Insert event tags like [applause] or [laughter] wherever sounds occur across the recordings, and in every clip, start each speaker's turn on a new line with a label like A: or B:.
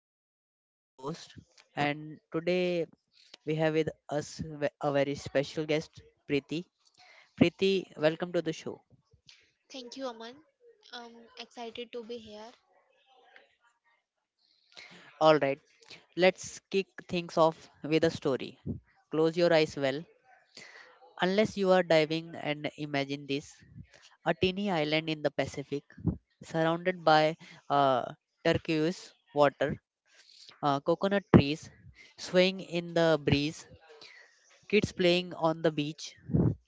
A: am Aman, your host, and today we have with us a very special guest, Preeti. Preeti, welcome to the show.
B: Thank you, Aman. Um, Excited to be here.
A: All right, let's kick things off with a story. Close your eyes, well, unless you are diving, and imagine this: a teeny island in the Pacific surrounded by uh, turquoise water, coconut trees swaying in the breeze, kids playing on the beach.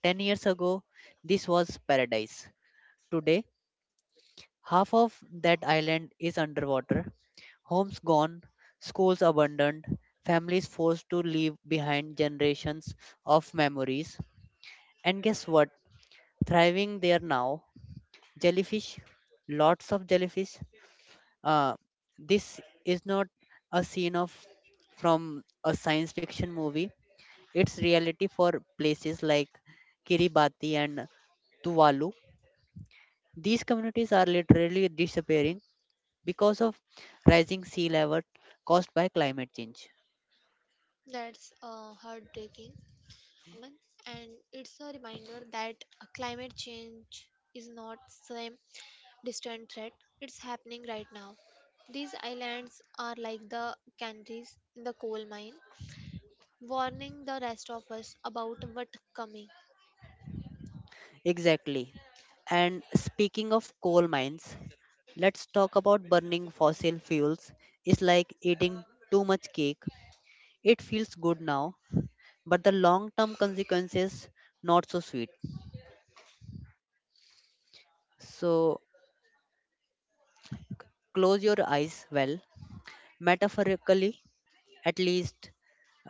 A: 10 years ago, this was paradise. Today, half of that island is underwater, homes gone, schools abandoned, families forced to leave behind generations of memories. And guess what? Thriving there now, jellyfish, lots of jellyfish. Uh, this is not a scene of from a science fiction movie. It's reality for places like Kiribati and Tuvalu. These communities are literally disappearing because of rising sea level caused by climate change.
B: That's heartbreaking, Aman. And it's a reminder that climate change is not some distant threat. It's happening right now. These islands are like the canaries in the coal mine, warning the rest of us about what's coming.
A: Exactly. And speaking of coal mines, let's talk about burning fossil fuels. It's like eating too much cake. It feels good now, but the long term consequences not so sweet. So close your eyes, well, metaphorically at least.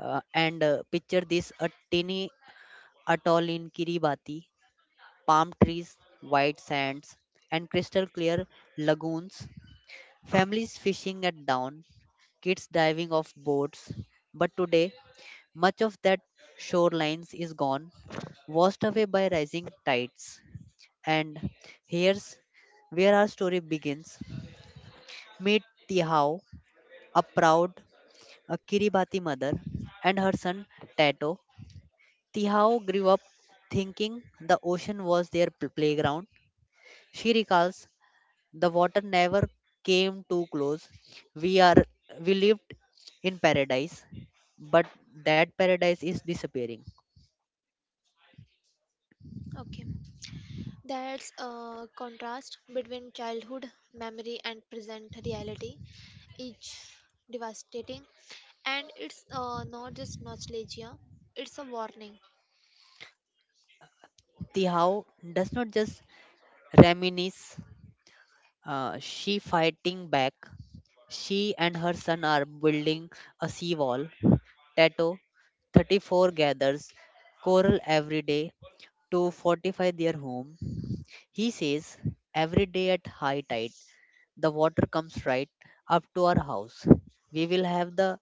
A: And picture this: a tiny atoll in Kiribati, palm trees, white sands, and crystal clear lagoons, families fishing at dawn, kids diving off boats. But today, much of that shorelines is gone, washed away by rising tides. And here's where our story begins. Meet Tihao, a proud a Kiribati mother, and her son Tato. Tihao grew up thinking the ocean was their playground. She recalls, the water never came too close. We are we lived in paradise, but that paradise is disappearing.
B: Okay, that's a contrast between childhood memory and present reality. It's devastating, and it's not just nostalgia, it's a warning.
A: Tihao does not just reminisce, she fighting back. She and her son are building a seawall. Tato, 34, gathers coral every day to fortify their home. He says every day at high tide, the water comes right up to our house. We will have the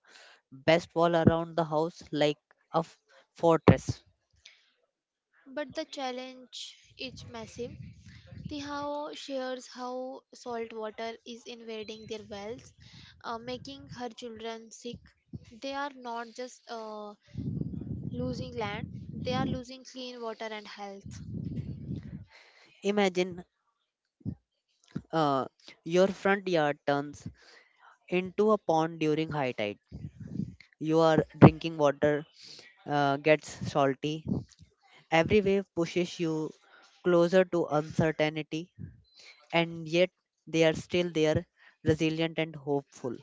A: best wall around the house like a fortress.
B: But the challenge is massive. Tihao shares how salt water is invading their wells, making her children sick. They are not just losing land, they are losing clean water and health.
A: Imagine, uh, your front yard turns into a pond during high tide. Your drinking water gets salty. Every wave pushes you closer to uncertainty, and yet they are still there, resilient and hopeful.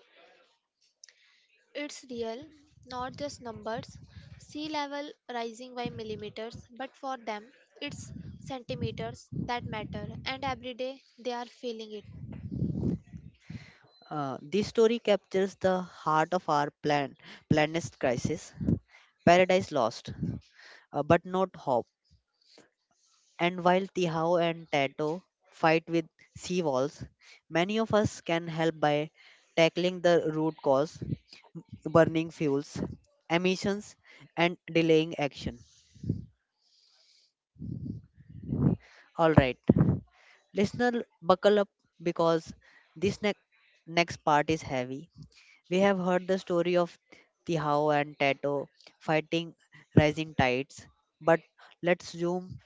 B: It's real, not just numbers. Sea level rising by millimeters, but for them, it's centimeters that matter, and every day they are feeling it.
A: This story captures the heart of our planet's crisis, paradise lost, but not hope. And while Tihao and Tato fight with seawalls, many of us can help by tackling the root cause: burning fuels, emissions, and delaying action. All right, listener, buckle up because this next part is heavy. We have heard the story of Tihao and Tato fighting rising tides, but let's zoom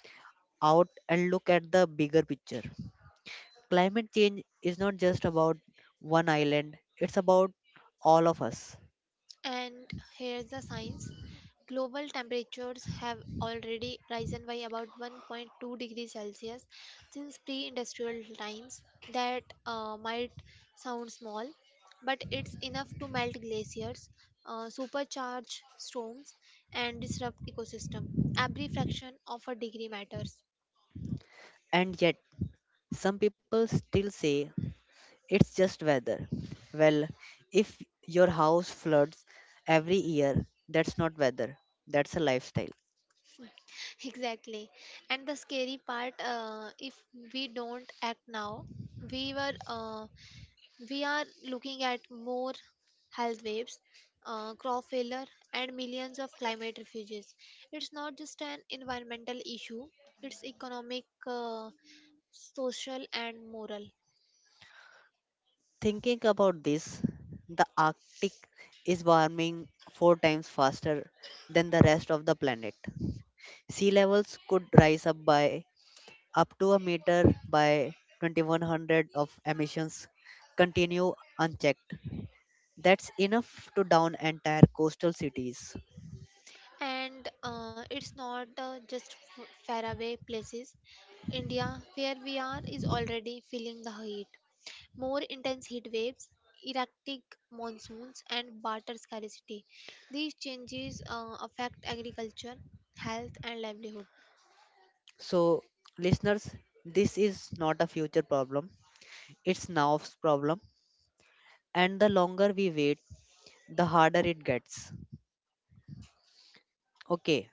A: out and look at the bigger picture. Climate change is not just about one island, it's about all of us.
B: And here's the science. Global temperatures have already risen by about 1.2 degrees Celsius since pre industrial times. That might sound small, but it's enough to melt glaciers, supercharge storms, and disrupt ecosystem. Every fraction of a degree matters.
A: And yet, some people still say it's just weather. Well, if your house floods every year, that's not weather, that's a lifestyle.
B: [laughs] Exactly. And the scary part, if we don't act now, we were. We are looking at more health waves, crop failure, and millions of climate refugees. It's not just an environmental issue, it's economic, social, and moral.
A: Thinking about this, the Arctic is warming four times faster than the rest of the planet. Sea levels could rise up by up to a meter by 2100 of emissions continue unchecked. That's enough to down entire coastal cities.
B: And it's not just faraway places. India, where we are, is already feeling the heat. More intense heat waves, erratic monsoons, and water scarcity. These changes affect agriculture, health, and livelihood.
A: So, listeners, this is not a future problem. It's now's problem. And the longer we wait, the harder it gets. Okay,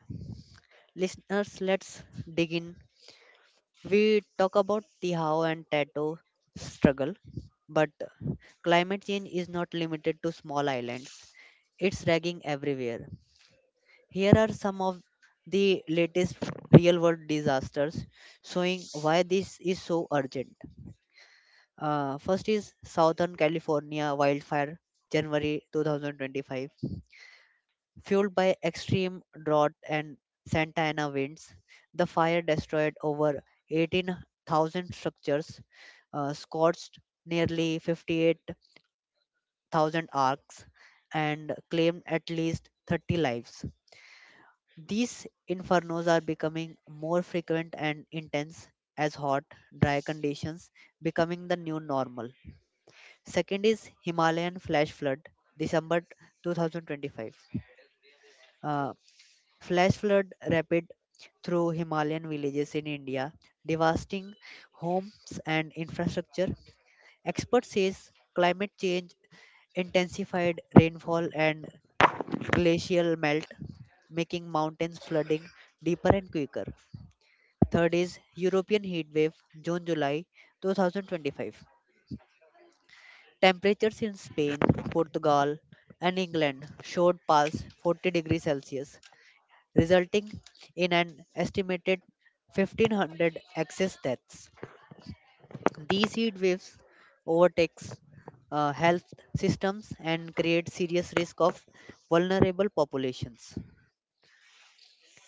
A: listeners, let's dig in. We talk about the how and tattoo struggle, but climate change is not limited to small islands. It's dragging everywhere. Here are some of the latest real world disasters showing why this is so urgent. First is Southern California wildfire, January 2025. Fueled by extreme drought and Santa Ana winds, the fire destroyed over 18,000 structures, scorched nearly 58,000 arcs, and claimed at least 30 lives. These infernos are becoming more frequent and intense as hot, dry conditions becoming the new normal. Second is Himalayan flash flood, December 2025. Flash flood rapid through Himalayan villages in India, devastating homes and infrastructure. Experts says climate change intensified rainfall and glacial melt, making mountains flooding deeper and quicker. Third is European heat wave June July 2025. Temperatures in Spain, Portugal, and England showed past 40 degrees Celsius, resulting in an estimated 1500 excess deaths. These heat waves overtakes health systems and create serious risk of vulnerable populations.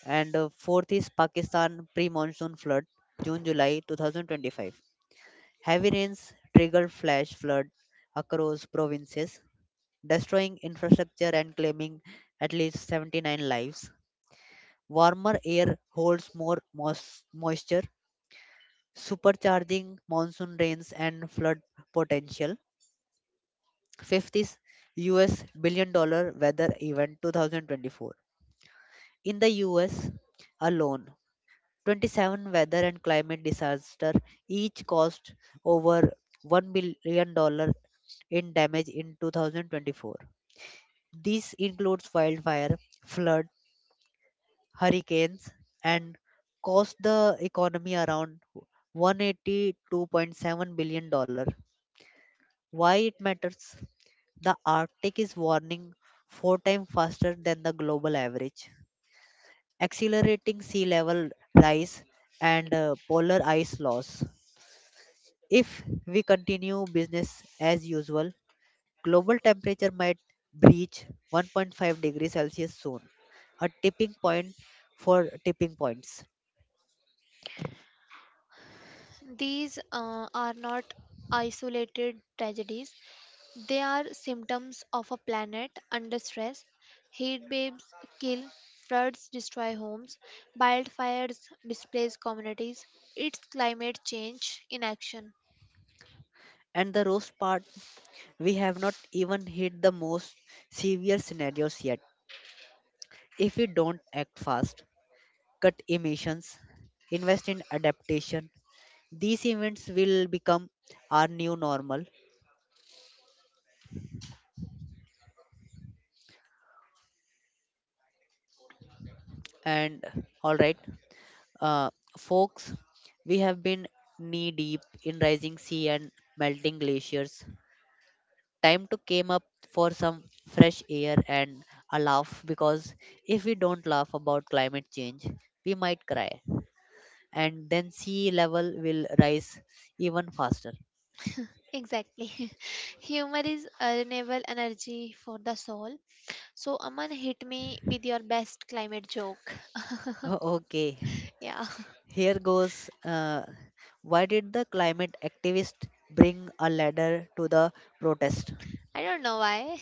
A: And fourth is Pakistan pre-monsoon flood, June July 2025. Heavy rains triggered flash flood across provinces, destroying infrastructure and claiming at least 79 lives. Warmer air holds more moisture, supercharging monsoon rains and flood potential. Fifth is US billion dollar weather event 2024. In the US alone, 27 weather and climate disaster each cost over $1 billion in damage in 2024. This includes wildfire, flood, hurricanes, and cost the economy around $182.7 billion. Why it matters? The Arctic is warming four times faster than the global average, accelerating sea level rise and polar ice loss. If we continue business as usual, global temperature might breach 1.5 degrees Celsius soon, a tipping point for tipping points.
B: These are not isolated tragedies, they are symptoms of a planet under stress. Heat waves kill, floods destroy homes, wildfires displace communities. It's climate change in action.
A: And the roast part, we have not even hit the most severe scenarios yet. If we don't act fast, cut emissions, invest in adaptation. These events will become our new normal. And all right, uh, folks, we have been knee deep in rising sea and melting glaciers. Time to came up for some fresh air and a laugh because if we don't laugh about climate change, we might cry and then sea level will rise even faster.
B: Exactly. [laughs] Humor is a renewable energy for the soul. So Aman, hit me with your best climate joke. [laughs]
A: [laughs] Okay,
B: Yeah.
A: here goes. Why did the climate activist bring a ladder to the protest?
B: [laughs] I don't know why.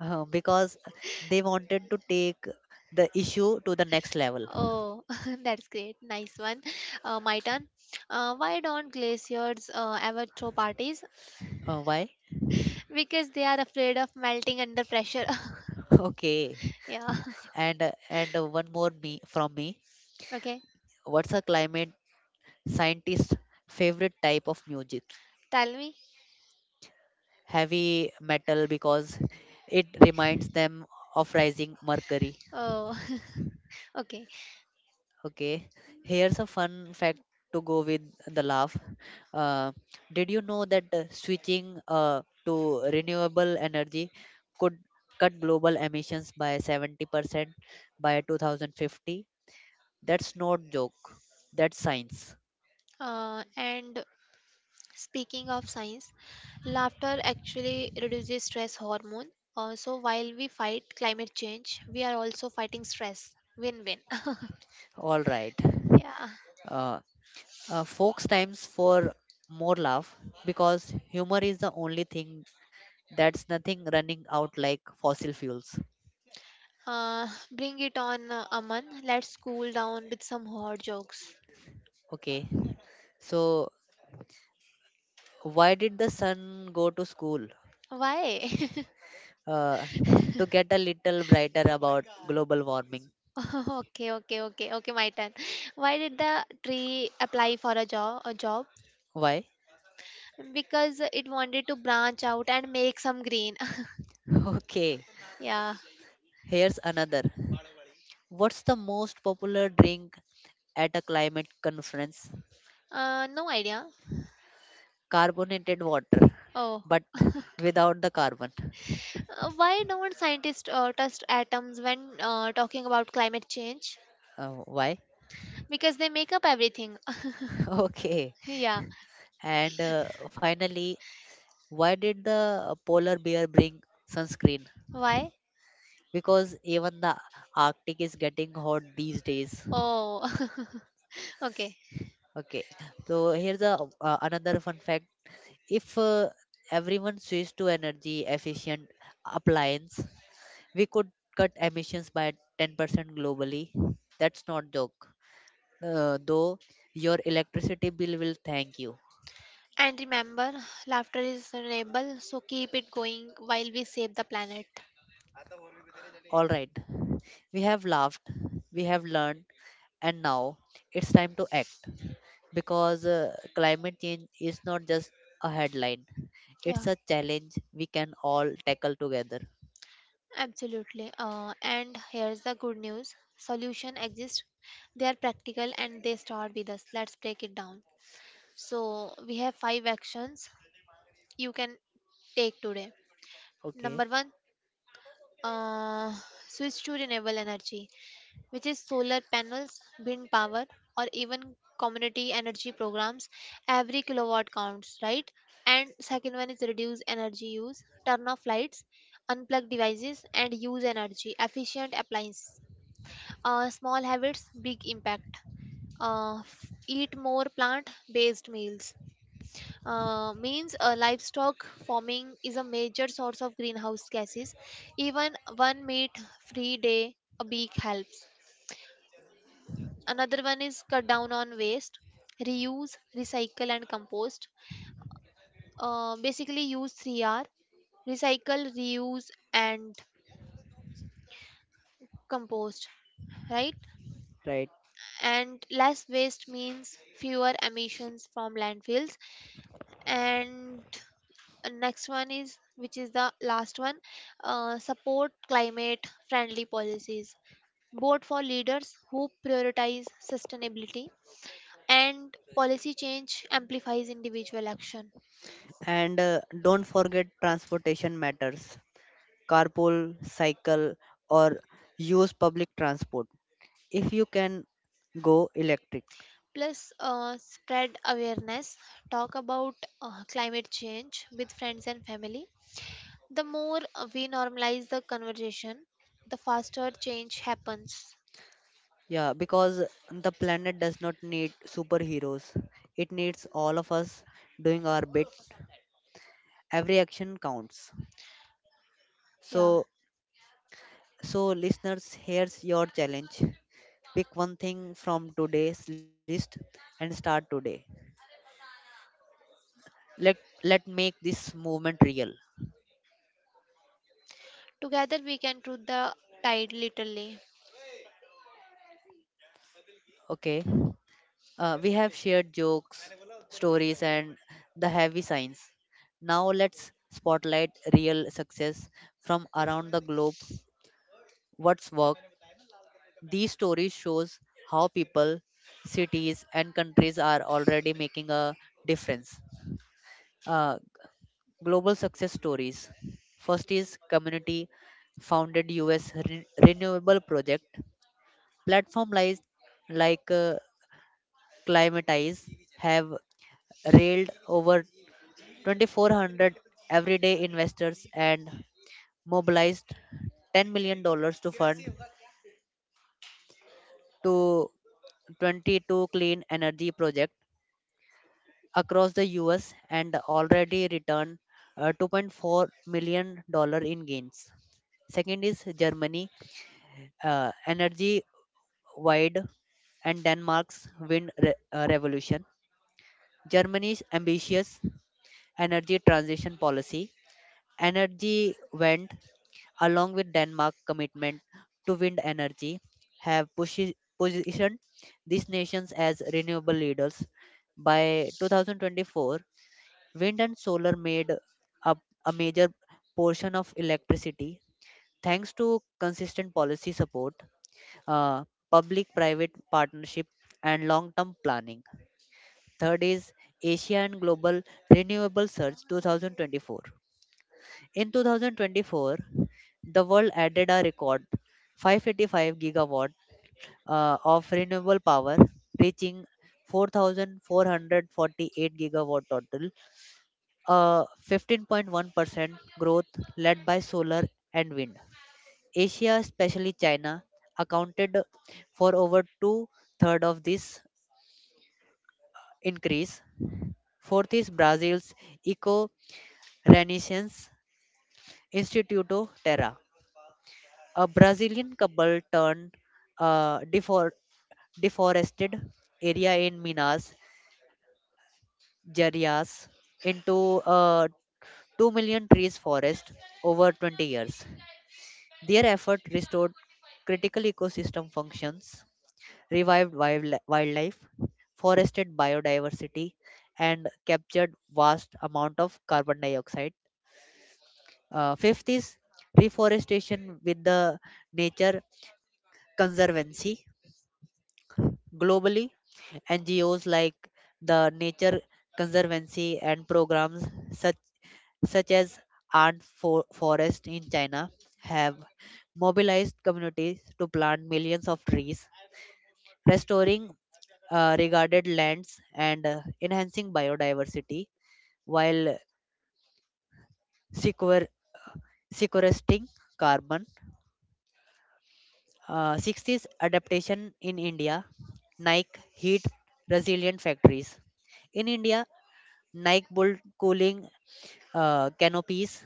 A: Because they wanted to take the issue to the next level.
B: Oh, [laughs] that's great. Nice one. My turn. Why don't glaciers ever throw parties?
A: Why? [laughs]
B: Because they are afraid of melting under pressure. [laughs]
A: Okay.
B: Yeah. [laughs]
A: And one more me from me.
B: Okay.
A: What's a climate scientist's favorite type of music?
B: Tell me.
A: Heavy metal because it reminds them of rising mercury.
B: Oh, [laughs] okay.
A: Okay, here's a fun fact to go with the laugh. Uh, did you know that switching to renewable energy could cut global emissions by 70% by 2050? That's not joke. That's science.
B: And speaking of science, laughter actually reduces stress hormone. So while we fight climate change, we are also fighting stress. Win-win.
A: All right.
B: [laughs] Yeah.
A: Uh, Folks times for more laugh because humor is the only thing that's nothing running out like fossil fuels.
B: Bring it on, Aman. Let's cool down with some hot jokes.
A: Okay. So, why did the sun go to school?
B: Why?
A: Uh, to get a little brighter about global warming.
B: [laughs] Okay, okay, okay, okay. My turn. Why did the tree apply for a job? A job?
A: Why?
B: Because it wanted to branch out and make some green.
A: [laughs] Okay,
B: [laughs] Yeah.
A: here's another. What's the most popular drink at a climate conference?
B: No idea.
A: Carbonated water,
B: Oh,
A: but [laughs] without the carbon.
B: why don't scientists test atoms when talking about climate change?
A: Why?
B: Because they make up everything.
A: [laughs] Okay.
B: [laughs] Yeah.
A: And finally, why did the polar bear bring sunscreen?
B: Why?
A: Because even the Arctic is getting hot these days.
B: Oh, [laughs] okay.
A: Okay, so here's a another fun fact. If everyone switched to energy efficient appliance, we could cut emissions by 10% globally. That's not joke. Though your electricity bill will thank you.
B: And remember, laughter is renewable, so keep it going while we save the planet.
A: All right, we have laughed, we have learned, and now it's time to act because climate change is not just a headline; it's
B: Yeah,
A: a challenge we can all tackle together.
B: absolutely. And here's the good news, solution exists, they are practical and they start with us. Let's break it down. So, we have five actions you can take today. Number
A: Okay,
B: one, uh, switch to renewable energy, which is solar panels, wind power, or even community energy programs. Every kilowatt counts, right? And second one is reduce energy use, turn off lights, unplug devices, and use energy efficient appliances. Small habits, big impact. Eat more plant based meals. Means livestock farming is a major source of greenhouse gases. Even one meat free day a week helps. Another one is cut down on waste, reuse, recycle, and compost. Basically use 3R, recycle, reuse, and compost, right?
A: right.
B: And less waste means fewer emissions from landfills. And next one, is which is the last one, support climate friendly policies, both for leaders who prioritize sustainability, and policy change amplifies individual action.
A: And don't forget transportation matters. Carpool, cycle, or use public transport. If you can, go electric.
B: Plus, spread awareness, talk about climate change with friends and family. The more we normalize the conversation, the faster change happens.
A: Yeah, because the planet does not need superheroes, it needs all of us doing our bit. Every action counts.
B: Yeah.
A: So, so, listeners, here's your challenge. Pick one thing from today's list and start today. Let let make this movement real.
B: Together we can do the tide, literally.
A: Okay. We have shared jokes, stories, and the heavy signs. Now let's spotlight real success from around the globe. What's worked? These stories shows how people, cities, and countries are already making a difference. Uh, Global success stories. First is community founded US renewable project. Platform like Climatize have railed over 2,400 everyday investors and mobilized $10 million dollars to fund to 22 clean energy projects across the US and already returned, $2.4 million dollars in gains. Second is Germany, energy wide, and Denmark's wind revolution. Germany's ambitious energy transition policy, Energy Wende, along with Denmark's commitment to wind energy, have positioned these nations as renewable leaders. By 2024, wind and solar made up a major portion of electricity, thanks to consistent policy support, uh, public private partnership, and long term planning. Third is Asia and Global Renewable Surge 2024. In 2024, the world added a record 585 gigawatt of renewable power, reaching 4,448 gigawatt total, a 15.1% growth led by solar and wind. Asia, especially China, accounted for over two-thirds of this increase. Fourth is Brazil's Eco Renaissance, Instituto Terra. A Brazilian couple turned uh, defor- deforested area in Minas Gerais into a 2 million trees forest over 20 years. Their effort restored critical ecosystem functions, revived wildlife, forested biodiversity, and captured vast amount of carbon dioxide. Fifth is reforestation with the Nature Conservancy. Globally, NGOs like the Nature Conservancy and programs such, such as Art for Forest in China have mobilized communities to plant millions of trees, restoring regarded lands and enhancing biodiversity while sequer- sequestering carbon. 60s adaptation in India, Nike heat resilient factories. In India, Nike Bolt cooling canopies,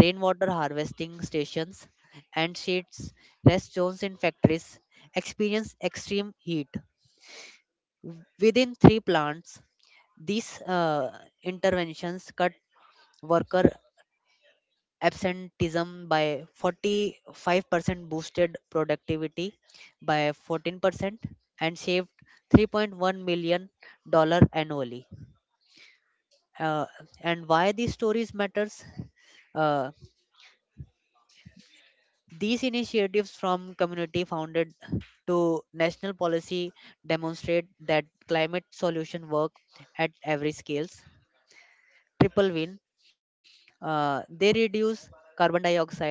A: rainwater harvesting stations, and shades rest zones in factories experience extreme heat. Within three plants, these interventions cut worker absenteeism by 45%, boosted productivity by 14%, and saved $3.1 million annually. Uh, and why these stories matters. Uh, These initiatives, from community founded to national policy, demonstrate that climate solution work at every scales. Triple win. They reduce carbon dioxide,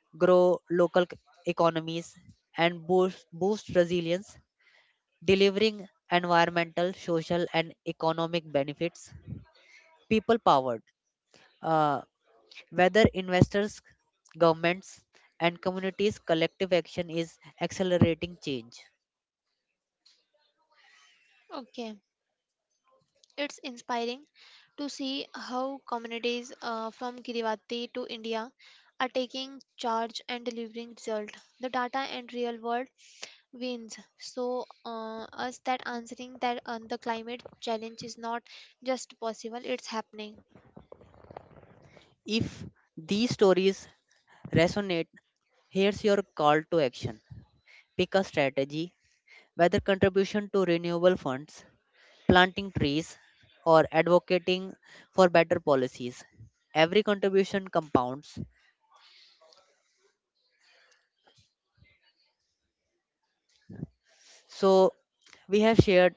A: grow local economies, and boost resilience, delivering environmental, social, and economic benefits. People powered. Uh, Whether investors, governments, and communities, collective action is accelerating change.
B: Okay. It's inspiring to see how communities from Kiribati to India are taking charge and delivering result. The data and real world wins. So us that answering that the climate challenge is not just possible; it's happening.
A: If these stories resonate, here's your call to action. Pick a strategy, whether contribution to renewable funds, planting trees, or advocating for better policies. Every contribution compounds. So, we have shared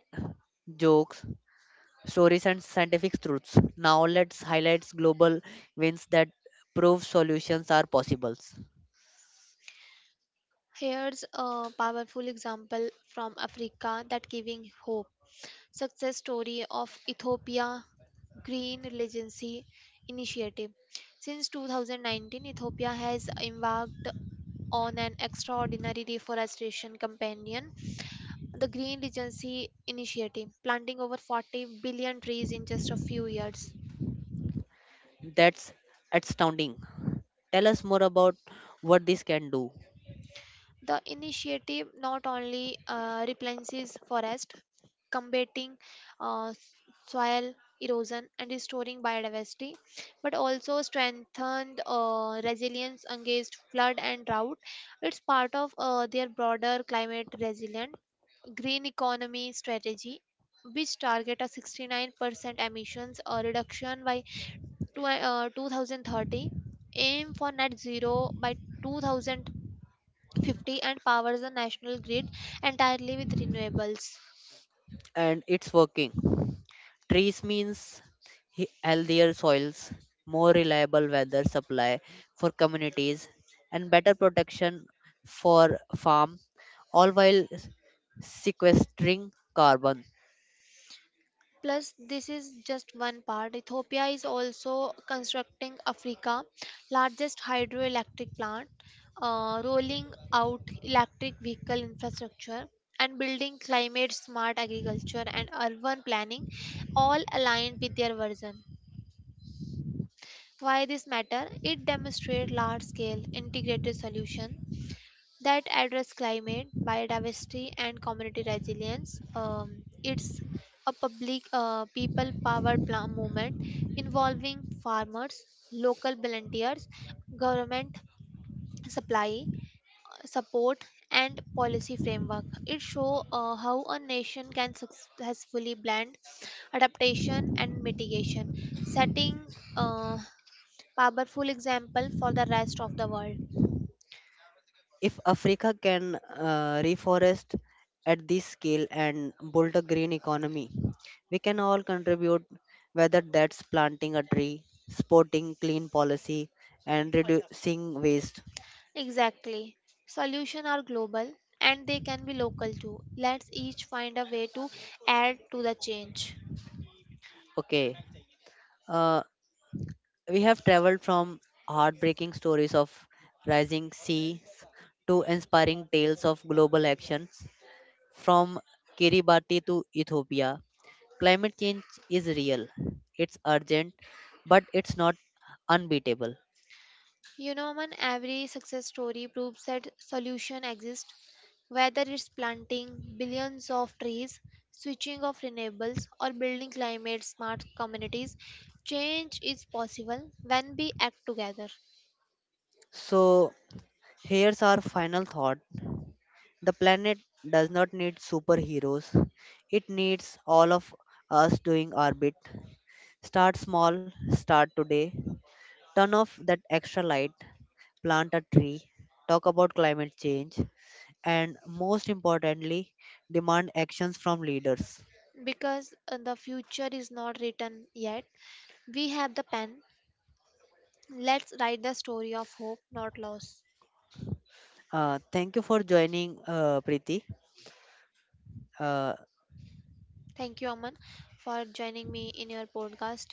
A: jokes, stories, and scientific truths. Now, let's highlight global wins that prove solutions are possible.
B: Here's a powerful example from Africa that giving hope. Success story of Ethiopia Green Legacy Initiative. Since 2019, Ethiopia has embarked on an extraordinary deforestation companion, the Green Legacy Initiative, planting over 40 billion trees in just a few years.
A: That's astounding. Tell us more about what this can do.
B: The initiative not only replenishes forest, combating uh, s- soil erosion and restoring biodiversity, but also strengthened resilience against flood and drought. It's part of their broader climate resilient green economy strategy, which target a 69% emissions reduction by 2030, aim for net zero by 2050, and powers the national grid entirely with renewables.
A: And it's working. Trees means healthier soils, more reliable weather supply for communities, and better protection for farm, all while sequestering carbon.
B: Plus, this is just one part. Ethiopia is also constructing Africa's largest hydroelectric plant, rolling out electric vehicle infrastructure, and building climate smart agriculture and urban planning, all aligned with their vision. Why this matter? It demonstrates large scale integrated solution that address climate, biodiversity, and community resilience. It's a public, people powered plan movement involving farmers, local volunteers, government supply, support, and policy framework. It shows how a nation can successfully blend adaptation and mitigation, setting a powerful example for the rest of the world.
A: If Africa can reforest at this scale and build a green economy, we can all contribute, whether that's planting a tree, supporting clean policy, and reducing waste.
B: Exactly. Solutions are global, and they can be local too. Let's each find a way to add to the change.
A: Okay, uh, we have traveled from heartbreaking stories of rising seas to inspiring tales of global actions. From Kiribati to Ethiopia, climate change is real. It's urgent, but it's not unbeatable.
B: You know, man, every success story proves that solution exists, whether it's planting billions of trees, switching off renewables, or building climate smart communities. Change is possible when we act together,
A: So, here's our final thought: the planet does not need superheroes, it needs all of us doing our bit. Start small, start today. Turn off that extra light, plant a tree, talk about climate change, and most importantly, demand actions from leaders.
B: because the future is not written yet. We have the pen. Let's write the story of hope, not loss.
A: Thank you for joining, Preeti. Uh,
B: Thank you, Aman, for joining me in your podcast.